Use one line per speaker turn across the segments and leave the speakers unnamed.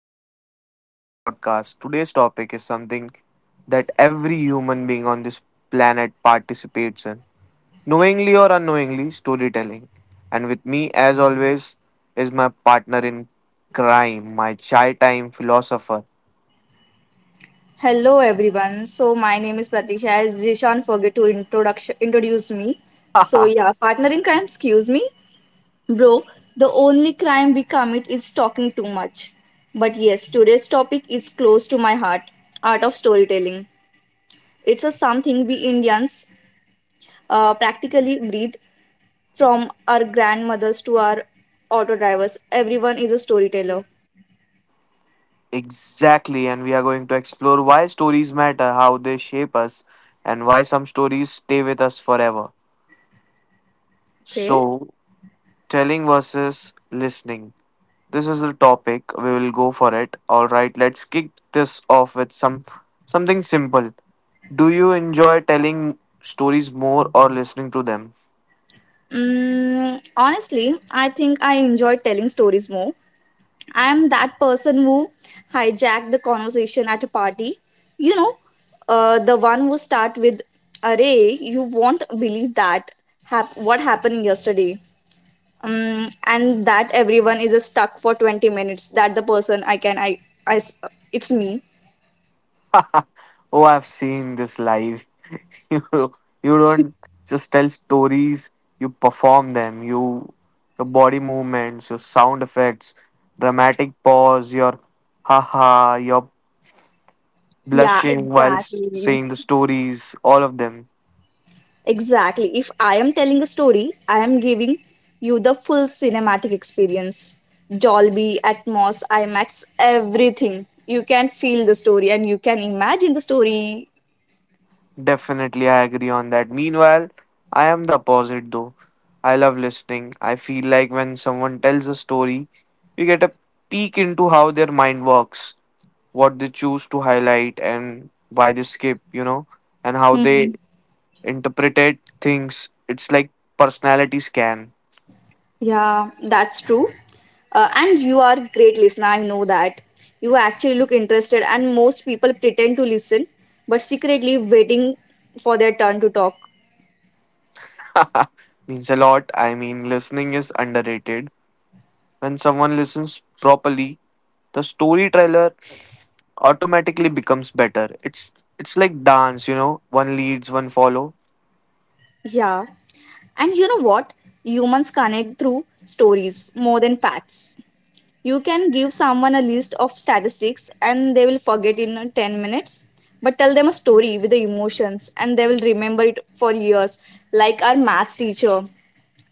another episode of our podcast. Today's topic is something that every human being on this planet participates in, knowingly or unknowingly, storytelling. And with me, as always, is my partner in crime, my chai time philosopher.
Hello everyone. So my name is Pratisha. As Jishan forget to introduction introduce me. So yeah, partner in crime, excuse me. Bro, the only crime we commit is talking too much. But yes, today's topic is close to my heart. Art of storytelling. It's a something we Indians practically breathe from our grandmothers to our auto drivers. Everyone is a storyteller.
Exactly, and we are going to explore why stories matter, how they shape us, and why some stories stay with us forever.
Okay.
So, telling versus listening. This is the topic. We will go for it. All right, let's kick this off with something simple. Do you enjoy telling stories more or listening to them?
Honestly, I think I enjoy telling stories more. I am that person who hijacked the conversation at a party. You know, the one who start with, "Array, you won't believe that what happened yesterday," um, and that everyone is stuck for 20 minutes. That the person I can I s- it's me.
Oh, I've seen this live. you you don't just tell stories, you perform them. Your body movements, your sound effects, dramatic pause, your haha, your
Yeah,
blushing while
exactly.
saying the stories, all of them.
Exactly. If I am telling a story, I am giving you the full cinematic experience. Dolby, Atmos, IMAX, everything. You can feel the story and you can imagine the story.
Definitely, I agree on that. Meanwhile, I am the opposite though. I love listening. I feel like when someone tells a story, you get a peek into how their mind works, what they choose to highlight, and why they skip, you know, and how they
Hmm.
interpreted things. It's like personality scan.
Yeah, that's true. And you are a great listener, I know that. You actually look interested and most people pretend to listen but secretly waiting for their turn to talk.
Means a lot. I mean, listening is underrated. When someone listens properly, the storyteller automatically becomes better. It's like dance, you know, one leads, one follow.
Yeah. And you know what? Humans connect through stories more than facts. You can give someone a list of statistics and they will forget in 10 minutes. But tell them a story with the emotions and they will remember it for years. Like our maths teacher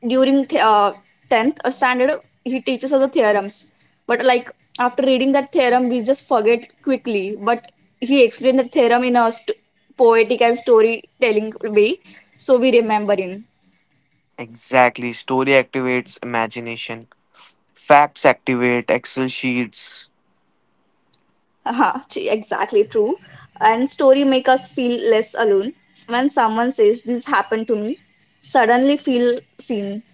during 10th standard, he teaches us the theorems. But like after reading that theorem, we just forget quickly. But he explained the theorem in a poetic and storytelling way, so we remember in.
Exactly. Story activates imagination. Facts activate Excel sheets.
Haha, gee, exactly true. And story make us feel less alone. When someone says this happened to me, suddenly feel seen.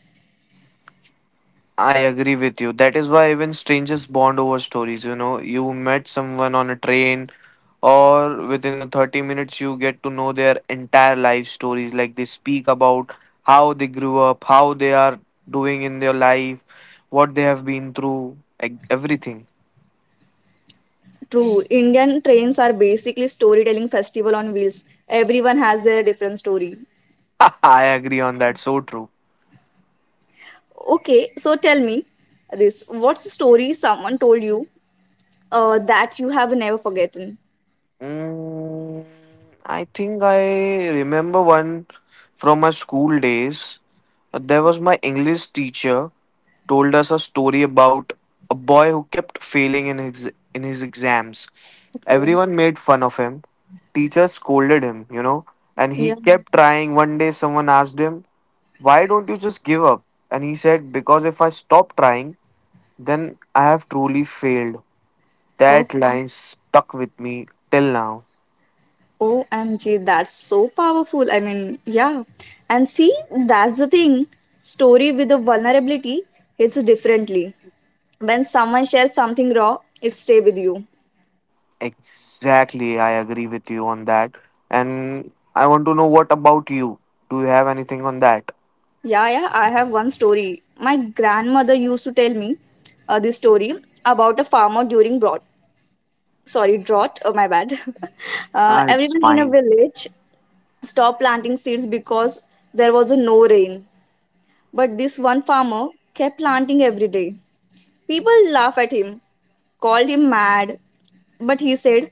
I agree with you. That is why even strangers bond over stories, you know. You met someone on a train or within the 30 minutes you get to know their entire life stories, like they speak about how they grew up, how they are doing in their life, what they have been through, like everything.
True, Indian trains are basically storytelling festival on wheels. Everyone has their different story.
I agree on that. So true.
Okay, so tell me this. What's the story someone told you that you have never forgotten?
Mm, I think I remember one from my school days. There was my English teacher told us a story about a boy who kept failing in his exams.
Okay.
Everyone made fun of him. Teacher scolded him, you know, and he
Yeah.
kept trying. One day someone asked him, "Why don't you just give up?" And he said, "Because if I stop trying, then I have truly failed." That line stuck with me till now.
OMG, that's so powerful. I mean, yeah. And see, that's the thing. Story with a vulnerability hits differently. When someone shares something raw, it stay with you.
Exactly, I agree with you on that. And I want to know, what about you? Do you have anything on that?
Yeah, yeah, I have one story. My grandmother used to tell me this story about a farmer during drought. Sorry, drought. Oh, my bad.
Ah, it's
Everyone in a
fine.
village stopped planting seeds because there was a no rain. But this one farmer kept planting every day. People laugh at him called him mad, but he said,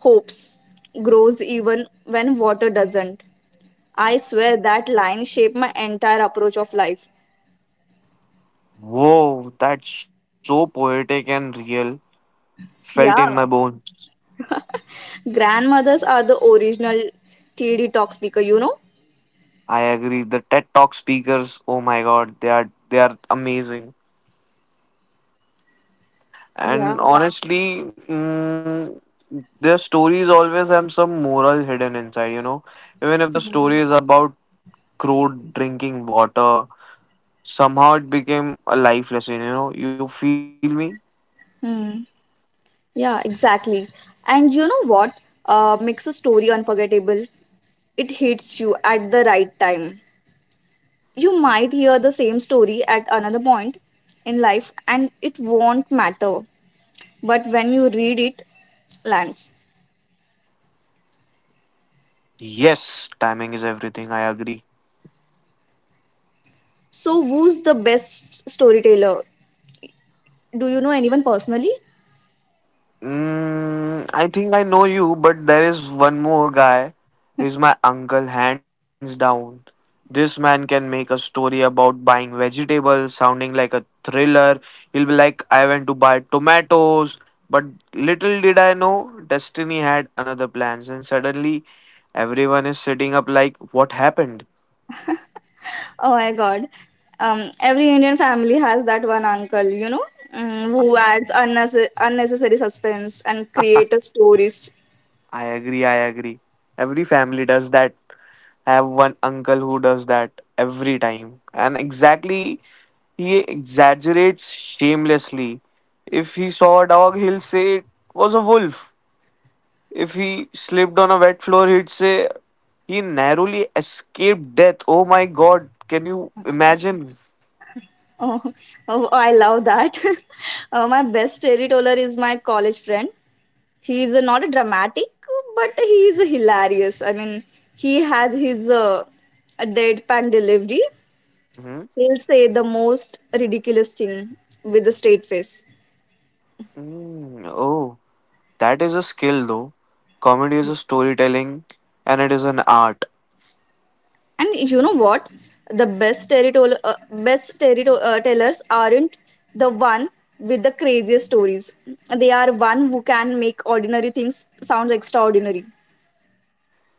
Hopes grows even when water doesn't. I swear that line shaped my entire approach of life.
Whoa, that's so poetic and real. Felt in my
Yeah,
bones.
grandmothers are the original TD talk speaker, you know?
I agree. The TED Talk speakers, oh my god, they are amazing.
Yeah,
And honestly, their stories always have some moral hidden inside, you know. Even if the
yeah.
story is about crude drinking water. Somehow it became a life lesson, you know. You feel me?
Hmm. Yeah, exactly. And you know what? Makes a story unforgettable. It hits you at the right time. You might hear the same story at another point in life and it won't matter. But when you read it lands.
Yes, timing is everything. I agree.
So, who's the best storyteller? Do you know anyone personally?
I think I know you, but there is one more guy. He's my uncle, hands down. This man can make a story about buying vegetables sounding like a thriller. He'll be like, I went to buy tomatoes, but little did I know, Destiny had another plans, and suddenly everyone is sitting up like, what happened?
Oh my god. Every Indian family has that one uncle, who adds unnecessary suspense and create stories.
I agree, I agree. Every family does that. I have one uncle who does that every time. And exactly, he exaggerates shamelessly. If he saw a dog, he'll say it was a wolf. If he slipped on a wet floor, he'd say he narrowly escaped death. Oh my god, can you imagine?
Oh, oh, I love that. My best storyteller is my college friend. He is not a dramatic, but he is hilarious. I mean, he has his a deadpan delivery.
Hmm.
He'll say the most ridiculous thing with a straight face.
Mm, oh, that is a skill though. Comedy is a storytelling and it is an art.
And you know what? The best territorial tellers aren't the one with the craziest stories. They are one who can make ordinary things sound extraordinary.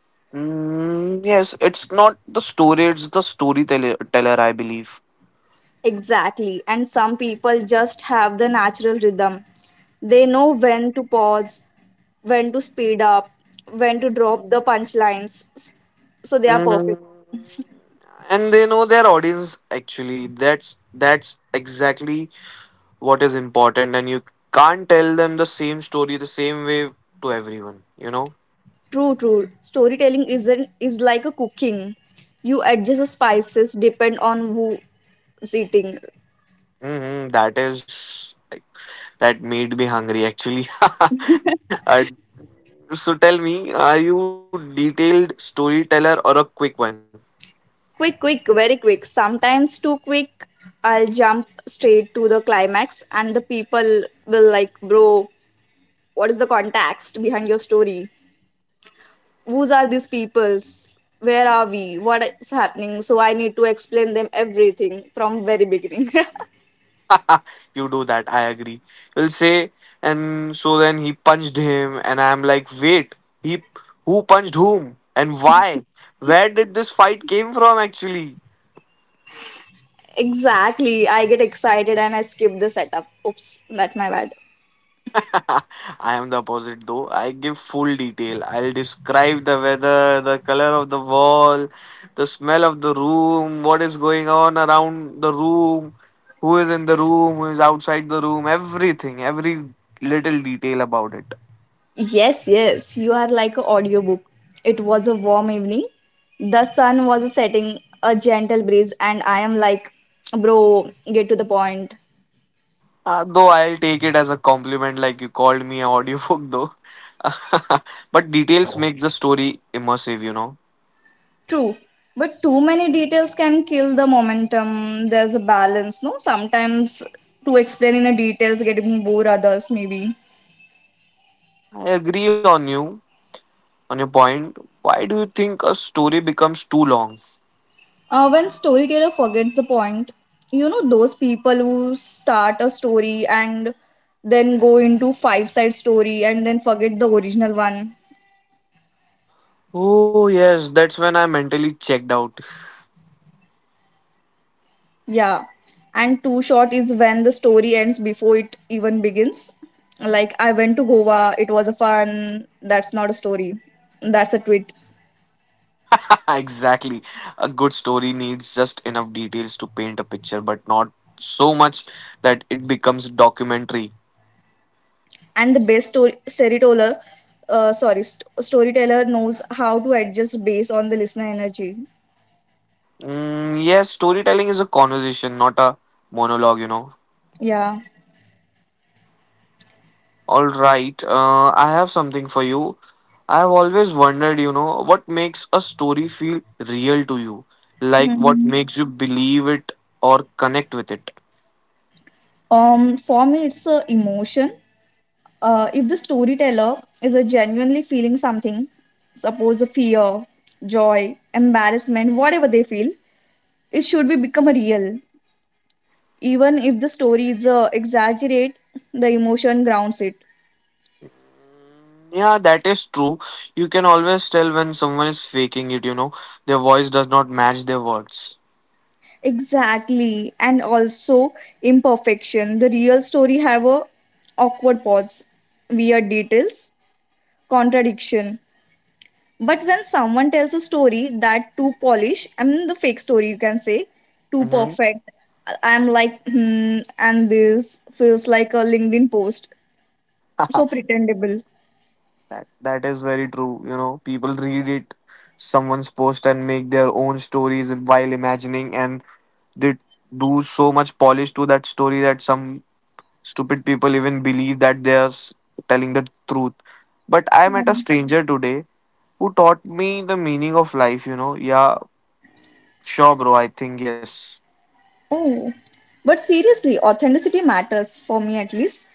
Mm, yes, it's not the story, it's the storyteller, teller, I believe.
Exactly. And some people just have the natural rhythm. They know when to pause, when to speed up, when to drop the punchlines. So they are
Mm,
perfect.
and they know their audience actually. That's exactly what is important, and you can't tell them the same story the same way to everyone. You know,
True, true. Storytelling isn't Is like a cooking. You adjust the spices depend on who's eating.
mm-hmm, that made me hungry actually. I, so tell me, are you detailed storyteller or a quick one?
Quick, quick, very quick. Sometimes too quick. I'll jump straight to the climax, and the people will like, bro, what is the context behind your story? Who's are these peoples? Where are we? What is happening? So I need to explain them everything from very beginning.
You do that, I agree. He'll say, and so then he punched him, and I'm like, wait, he who punched whom and why? Where did this fight came from actually?
Exactly. I get excited and I skip the setup. Oops, that's my bad.
I am the opposite though. I give full detail. I'll describe the weather, the color of the wall, the smell of the room, what is going on around the room, who is in the room, who is outside the room, everything, every little detail about it.
Yes, yes, you are like an audiobook. It was a warm evening. The sun was setting, a gentle breeze, and I am like, bro, get to the point.
Though I'll take it as a compliment, like you called me an audiobook, though. But details make the story immersive, you know.
True, but too many details can kill the momentum. There's a balance, no? Sometimes to explain in a details getting bore others, maybe.
I agree on you, on your point. Why do you think a story becomes too long?
When storyteller forgets the point, you know those people who start a story and then go into five side story and then forget the original one.
Oh, yes, that's when I mentally checked out.
Yeah, and too short is when the story ends before it even begins. Like, I went to Goa, it was a fun, that's not a story, that's a tweet.
Exactly. A good story needs just enough details to paint a picture, but not so much that it becomes documentary.
And the best story, storyteller, sorry, st- storyteller knows how to adjust based on the listener energy.
Mm, yes, storytelling is a conversation, not a monologue, you know.
Yeah.
All right, I have something for you. I have always wondered, you know, what makes a story feel real to you? Like, what
Mhm.
makes you believe it or connect with it?
For me, it's a emotion. If the storyteller is a genuinely feeling something, suppose a fear, joy, embarrassment, whatever they feel, it should be become a real. Even if the story is exaggerate the emotion grounds it.
Yeah, that is true. You can always tell when someone is faking it, you know, their voice does not match their words.
Exactly. And also imperfection the real story have a awkward pause, weird details, contradiction. But when someone tells a story that too polished, I mean the fake story you can say too
Mm-hmm.
perfect. I'm like hmm, and this feels like a LinkedIn post, so pretendable.
That is very true. You know, people read it, someone's post, and make their own stories while imagining, and they do so much polish to that story that some stupid people even believe that they are telling the truth. But I met a stranger today who taught me the meaning of life. You know, yeah, sure, bro. I think yes.
Oh, but seriously, authenticity matters for me at least.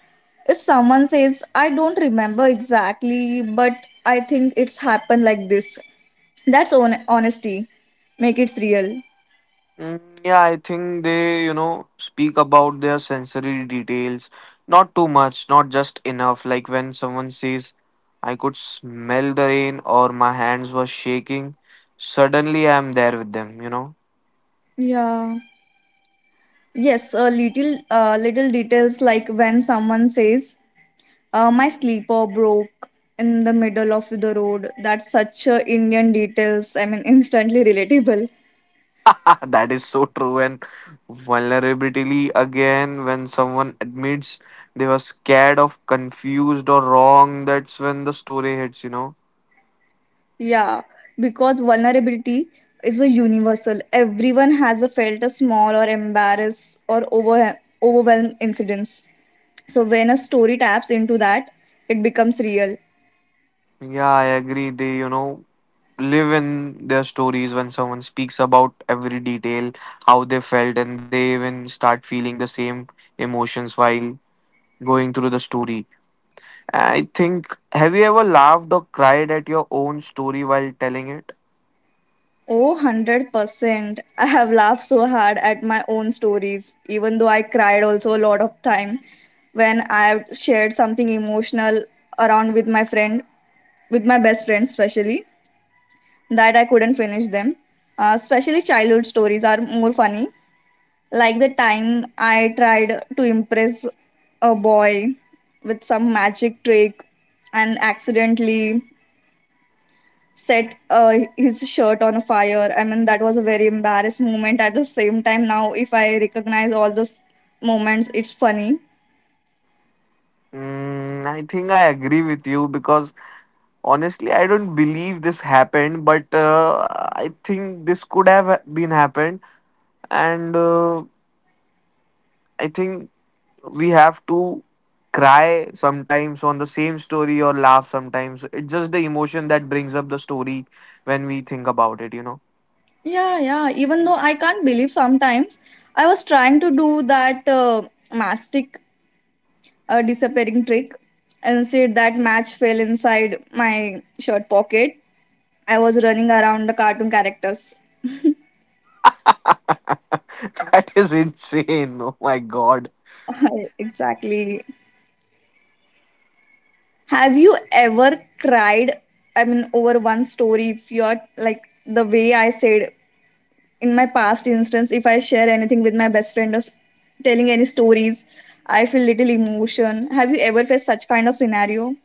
If someone says, I don't remember exactly, but I think it's happened like this, honesty. Make it real.
Mm, yeah, I think they, you know, speak about their sensory details. Not too much, not just enough. Like when someone says, I could smell the rain or my hands were shaking, suddenly I'm there with them, you know.
Yeah. Yes, a little details like when someone says, my sleeper broke in the middle of the road. That's such Indian details. I mean, instantly relatable.
That is so true. And vulnerability again, when someone admits they were scared of, confused, or wrong, that's when the story hits, you know.
Yeah, because vulnerability is a universal. Everyone has a felt a small or embarrassed or overwhelmed incidents. So when a story taps into that, it becomes real.
Yeah, I agree. They, you know, live in their stories when someone speaks about every detail, how they felt, and they even start feeling the same emotions while going through the story. I think, have you ever laughed or cried at your own story while telling it?
Oh, 100%. I have laughed so hard at my own stories, even though I cried also a lot of time when I shared something emotional around with my friend, with my best friend especially, that I couldn't finish them. Especially childhood stories are more funny. Like the time I tried to impress a boy with some magic trick and accidentally set his shirt on fire. I mean, that was a very embarrassed moment. At the same time, now if I recognize all those moments, it's funny.
I think I agree with you because honestly, I don't believe this happened, but I think this could have been happened, and I think we have to cry sometimes on the same story or laugh sometimes. It's just the emotion that brings up the story when we think about it, you know.
Yeah, yeah. Even though I can't believe sometimes I was trying to do that mastic disappearing trick and said that match fell inside my shirt pocket. I was running around the cartoon characters.
That is insane. Oh my god.
Exactly. Have you ever cried? I mean, over one story, if you're like the way I said in my past instance, if I share anything with my best friend telling any stories, I feel little emotion. Have you ever faced such kind of scenario?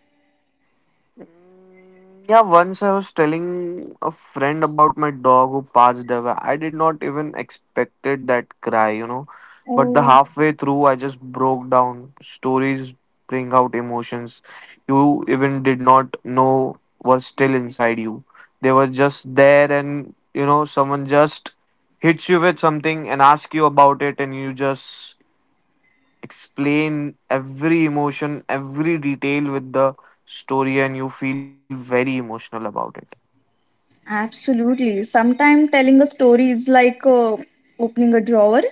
Yeah, once I was telling a friend about my dog who passed away. I did not even expected that cry, you know. But the
Oh,
halfway through, I just broke down. Stories bring out emotions you even did not know were still inside you. They were just there, and you know, someone just hits you with something and asks you about it, and you just explain every emotion, every detail with the story, and you feel very emotional about it.
absolutely. Sometimes telling a story is like opening a drawer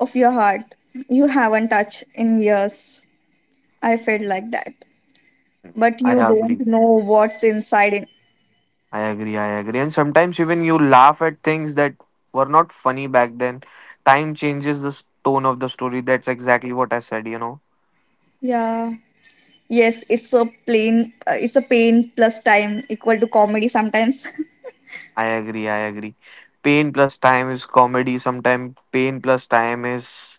of your heart you haven't touched in years. I felt like that. But
I
you
agree.
don't know what's inside it.
I agree. I agree. And sometimes even you laugh at things that were not funny back then. Time changes the tone of the story. That's exactly what I said, you know.
Yeah. Yes, it's a pain plus time equal to comedy sometimes.
I agree. I agree. Pain plus time is comedy. Sometimes pain plus time is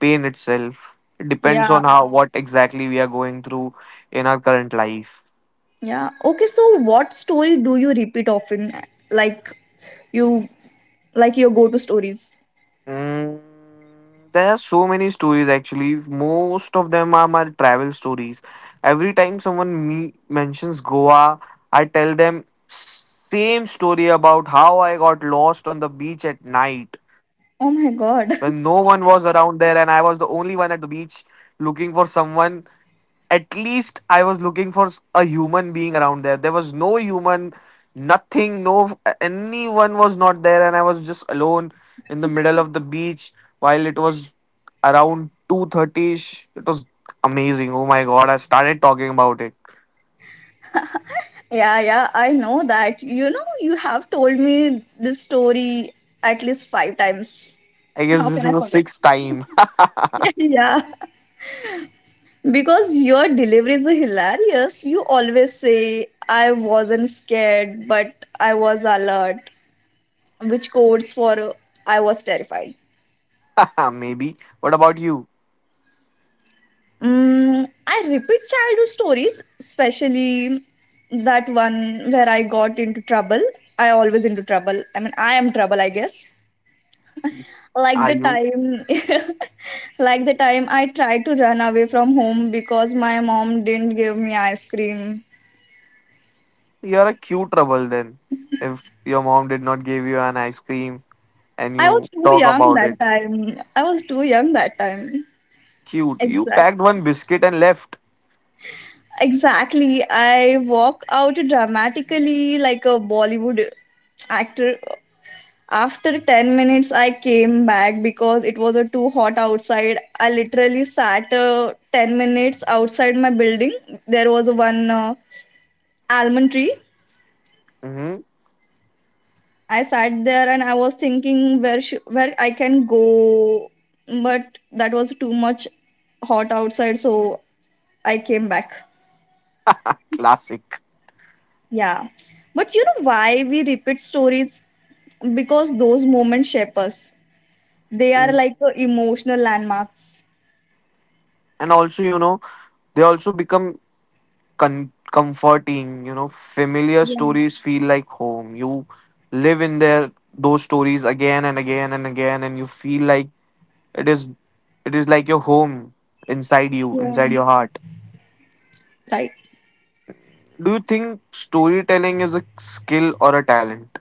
pain itself. It depends
Yeah,
on how what exactly we are going through in our current life.
yeah. Okay, so what story do you repeat often? Like you, like your go-to stories.
Mm, there are so many stories actually. Most of them are my travel stories. Every time someone mentions Goa, I tell them same story about how I got lost on the beach at night
Oh
when
my
no one
god.
was around there and I was the only one at the beach looking for someone, at least I was looking for a human being around there. There was no human, nothing, no anyone was not there, and I was just alone in the middle of the beach while it was around 2:30 ish. It was amazing. Oh my god, I started talking about it.
Yeah, yeah. I know that. You know, you have told me this story at least five times.
I guess
How
this
can
is
I
the
forget?
sixth time,
Yeah. Because your deliveries are hilarious. You always say, I wasn't scared, but I was alert, which codes for I was terrified.
maybe. What about you?
Mm, I repeat childhood stories, especially that one where I got into trouble. I always into trouble. I mean, I am trouble, I guess. Like
Are
the
you?
time, like the time I tried to run away from home because my mom didn't give me ice cream.
You're a cute trouble then. If your mom did not give you an ice cream and
I
you
was too
talk
young
about
that
it,
time. I was too young that time.
cute. You packed
Exactly.
one biscuit and left.
Exactly. I walk out dramatically like a Bollywood actor. After 10 minutes, I came back because it was a too hot outside. I literally sat 10 minutes outside my building. There was one almond tree.
Hmm.
I sat there and I was thinking where I can go, but that was too much hot outside, so I came back.
Classic.
Yeah. But you know why we repeat stories? Because those moments shape us. They are
Mhm.
like emotional landmarks.
And also, you know, they also become comforting. You know, familiar
Yeah,
stories feel like home. You live in their those stories again and again and again, and you feel like it is it is like your home inside you,
yeah.
inside your heart.
Right.
Do you think storytelling is a skill or a talent?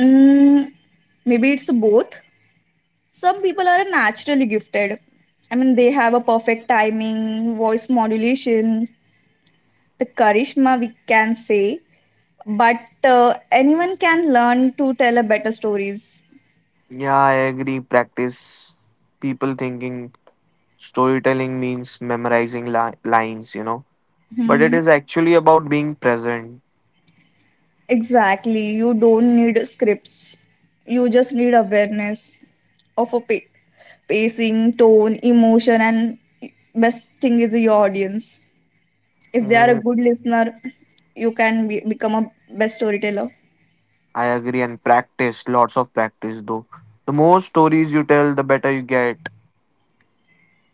Mm, maybe it's both. Some people are naturally gifted. I mean, they have a perfect timing, voice modulation, the charisma, we can say. But anyone can learn to tell a better stories.
Yeah, I agree. Practice. People thinking storytelling means memorizing lines. You know, but it
Hmm.
is actually about being present.
Exactly. You don't need scripts. You just need awareness of a pacing, tone, emotion, and best thing is your audience. If they are a
Mm,
good listener, become a best storyteller.
I agree, and practice, lots of practice though. The more stories you tell, the better you get.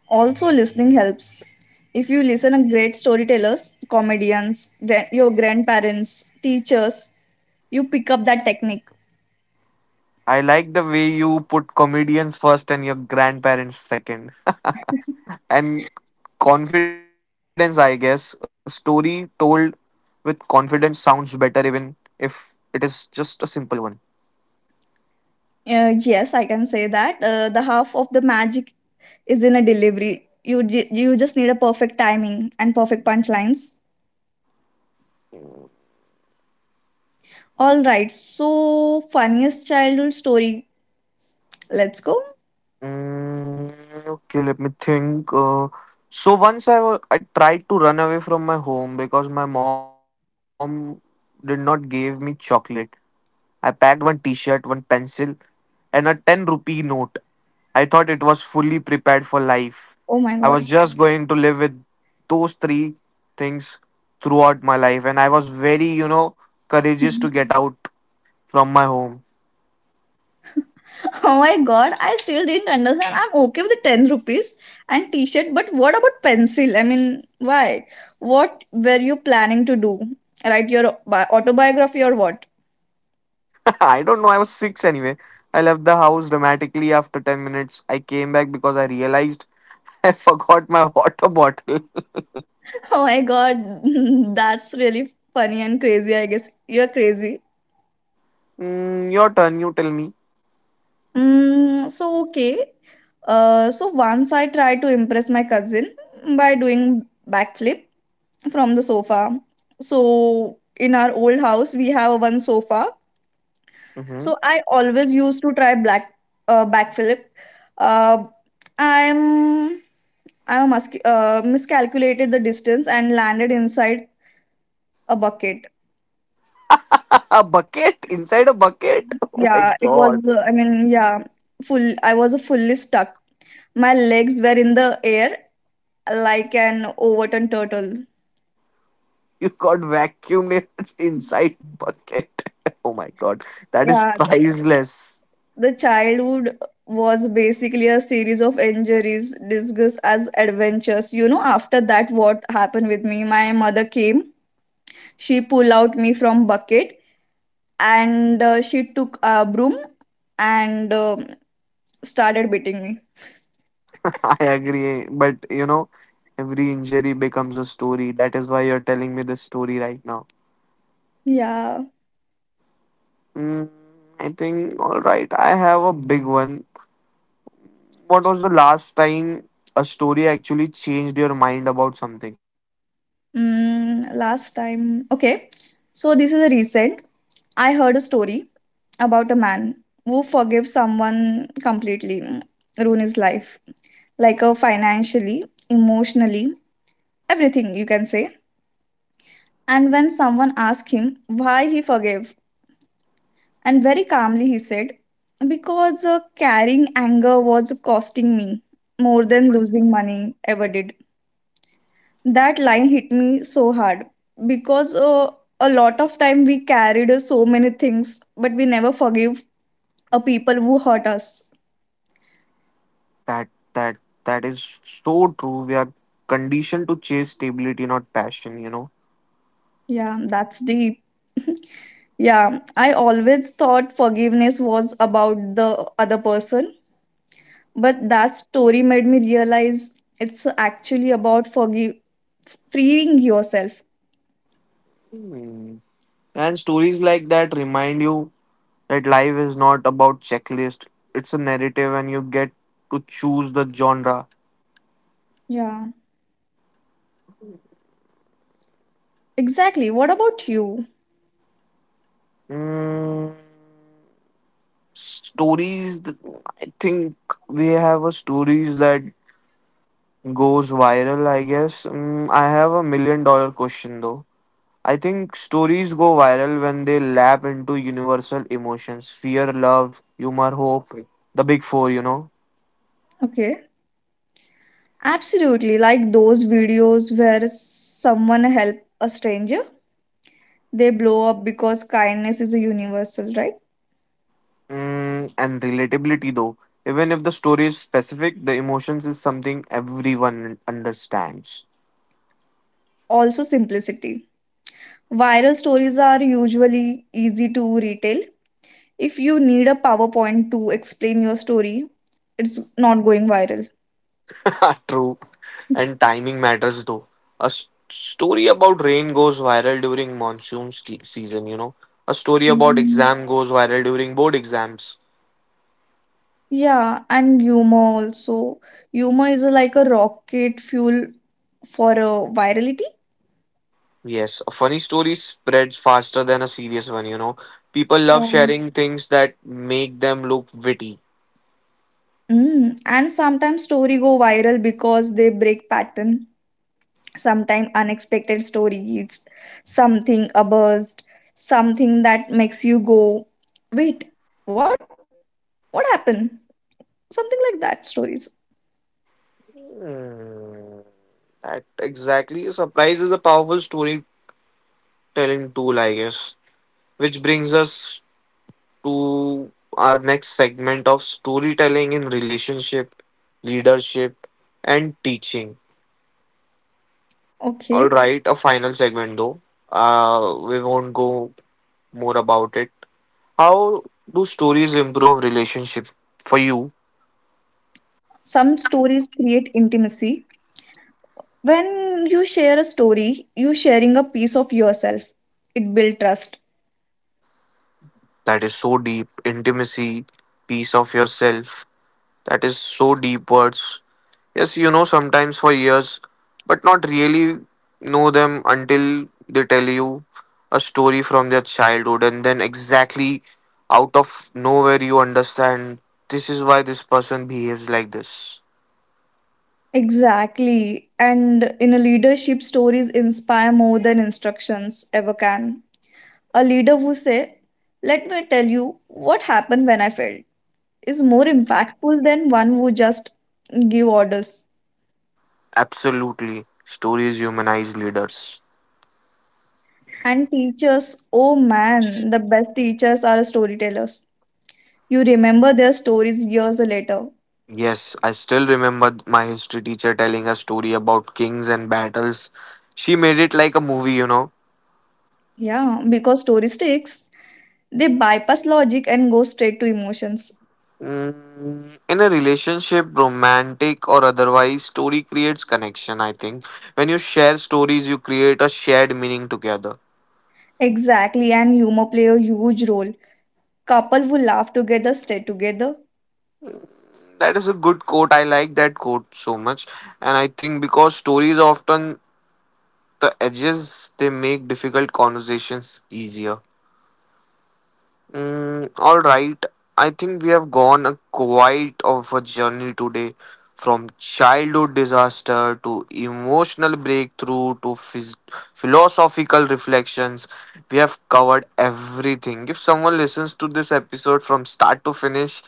Also, listening helps. If you listen to great storytellers, comedians, your grandparents, teachers, you pick up that technique.
I like the way you put comedians first and your grandparents second. And confidence, I guess. A story told with confidence sounds better, even if it is just a simple one.
Yes, I can say that. The half of the magic is in a delivery. You just need a perfect timing and perfect punchlines. All right. So funniest childhood story, let's go.
Mm, okay, let me think. So once I tried to run away from my home because my mom did not give me chocolate. I packed one T-shirt, one pencil, and a 10 rupee note. I thought it was fully prepared for life.
Oh
I
my
was
god.
just going to live with those three things throughout my life, and I was very, courageous to
Mhm.
get out from my home.
Oh my god, I still didn't understand. I'm okay with the 10 rupees and t-shirt, but what about pencil? I mean, why? What were you planning to do? Write your autobiography or what?
I don't know. I was six anyway. I left the house dramatically after 10 minutes. I came back because I realized I forgot my water bottle.
Oh my god, that's really funny and crazy, I guess. You're crazy.
Mm, your turn. You tell me.
So okay. So once I tried to impress my cousin by doing backflip from the sofa. So in our old house, we have a one sofa.
Mhm.
So I always used to try black backflip. Flip. Uh, I'm I'm a musc- miscalculated the distance and landed inside a bucket.
A bucket? Inside a bucket? Oh my
Yeah, it
god.
was. I mean, yeah, full. I was fully stuck. My legs were in the air like an overturned turtle.
You got vacuumed inside bucket. Oh my god. That is
Yeah,
priceless.
the childhood was basically a series of injuries disguised as adventures. You know, after that, what happened with me? My mother came, she pulled out me from bucket and she took a broom and started beating me.
I agree. But you know, every injury becomes a story. That is why you're telling me this story right now.
Yeah.
Mm, I think, all right, I have a big one. What was the last time a story actually changed your mind about something?
Mm, last time. Okay. So this is a recent. I heard a story about a man who forgave someone completely, ruin his life, like financially, emotionally, everything, you can say. And when someone asked him why he forgave, and very calmly he said, because carrying anger was costing me more than losing money ever did. That line hit me so hard because a lot of time we carried so many things, but we never forgive a people who hurt us.
That that that is so true. We are conditioned to chase stability, not passion, you know.
Yeah, that's deep. Yeah, I always thought forgiveness was about the other person. But that story made me realize it's actually about forgive freeing yourself.
Hmm. And stories like that remind you that life is not about checklist. It's a narrative and you get to choose the genre.
Yeah. Exactly. What about you?
Mm, stories th- I think we have a stories that goes viral, I guess. Mm, I have a million dollar question though. I think stories go viral when they lap into universal emotions fear, love, humor, hope, the big four, you know.
Okay. Absolutely. Like those videos where someone help a stranger, they blow up because kindness is a universal, right?
Mm, and relatability though. Even if the story is specific, the emotions is something everyone understands.
Also simplicity. Viral stories are usually easy to retail. If you need a PowerPoint to explain your story, it's not going viral.
True. And timing matters though. A story about rain goes viral during monsoon season, you know. A story about
Mhm.
exam goes viral during board exams.
Yeah, and humor also. Humor is like a rocket fuel for a virality.
Yes, a funny story spreads faster than a serious one, you know. People love
Yeah.
sharing things that make them look witty.
Mm. And sometimes story go viral because they break pattern. Sometimes unexpected stories, something a burst, something that makes you go, wait, what? What happened? Something like that stories.
Hmm, that exactly. Surprise is a powerful storytelling tool, I guess. Which brings us to our next segment of storytelling in relationship, leadership, and teaching. All
Okay.
right, a final segment though. We won't go more about it. How do stories improve relationship for you?
Some stories create intimacy. When you share a story, you sharing a piece of yourself. It builds trust.
That is so deep, intimacy, piece of yourself, that is so deep words. Yes, you know sometimes for years, but not really know them until they tell you a story from their childhood, and then exactly out of nowhere you understand this is why this person behaves like this.
Exactly. And in a leadership, stories inspire more than instructions ever can. A leader who say, "Let me tell you what happened when I failed," is more impactful than one who just give orders.
Absolutely, stories humanize leaders.
And teachers, oh man, the best teachers are storytellers. You remember their stories years later.
Yes, I still remember my history teacher telling a story about kings and battles. She made it like a movie, you know.
Yeah, because story sticks. They bypass logic and go straight to emotions.
Mm, in a relationship romantic or otherwise story creates connection I think when you share stories you create a shared meaning together.
Exactly, and humor play a huge role. Couple who laugh together stay together.
That is a good quote I like that quote so much and I think because stories often the edges they make difficult conversations easier. Mm, all right. I think we have gone a quite of a journey today from childhood disaster to emotional breakthrough to philosophical reflections. We have covered everything. If someone listens to this episode from start to finish,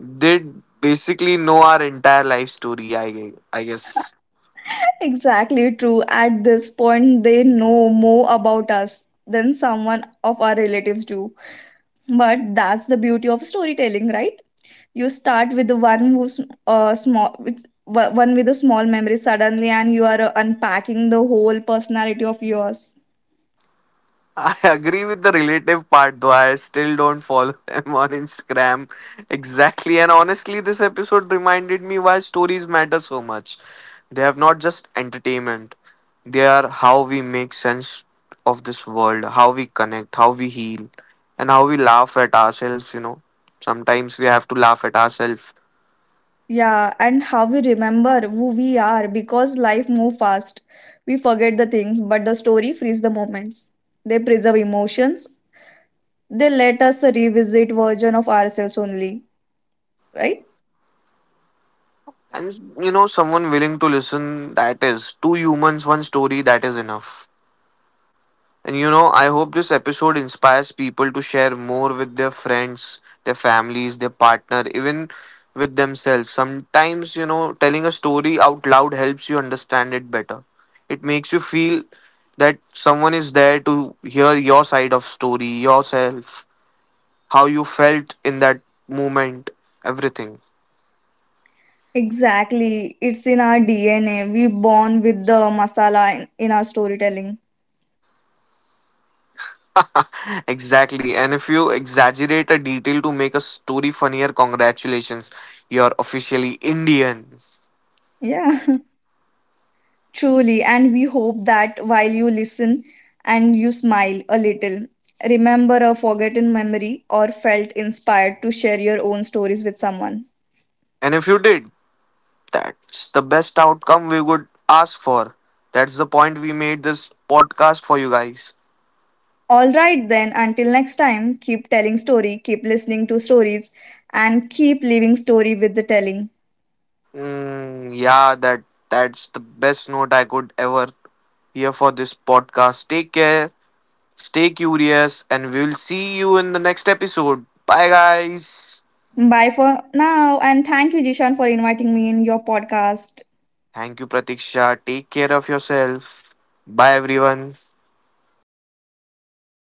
they basically know our entire life story, I guess.
Exactly true. At this point, they know more about us than someone of our relatives do. But that's the beauty of storytelling, right? You start with the one who's small, with one with a small memory suddenly, and you are unpacking the whole personality of yours.
I agree with the relative part though. I still don't follow them on Instagram. Exactly. And honestly, this episode reminded me why stories matter so much. They have not just entertainment, they are how we make sense of this world, how we connect, how we heal, and how we laugh at ourselves. You know, sometimes we have to laugh at ourselves.
Yeah, and how we remember who we are because life moves fast. We forget the things, but the story frees the moments. They preserve emotions. They let us revisit version of ourselves only, right?
And you know, someone willing to listen, that is two humans, one story, that is enough. And you know, I hope this episode inspires people to share more with their friends, their families, their partner, even with themselves. Sometimes, you know, telling a story out loud helps you understand it better. It makes you feel that someone is there to hear your side of story, yourself, how you felt in that moment, everything.
Exactly. It's in our DNA. We born with the masala in our storytelling.
Exactly. And if you exaggerate a detail to make a story funnier, congratulations. You're officially Indian.
Yeah, truly. And we hope that while you listen and you smile a little, remember a forgotten memory or felt inspired to share your own stories with someone.
And if you did, that's the best outcome we would ask for. That's the point we made this podcast for you guys.
All right then, until next time, keep telling story, keep listening to stories, and keep living story with the telling.
Mm, yeah, that's the best note I could ever hear for this podcast. Take care, stay curious, and we'll see you in the next episode. Bye guys.
Bye for now, and thank you, Jishan, for inviting me in your podcast.
Thank you, Pratiksha. Take care of yourself. Bye everyone.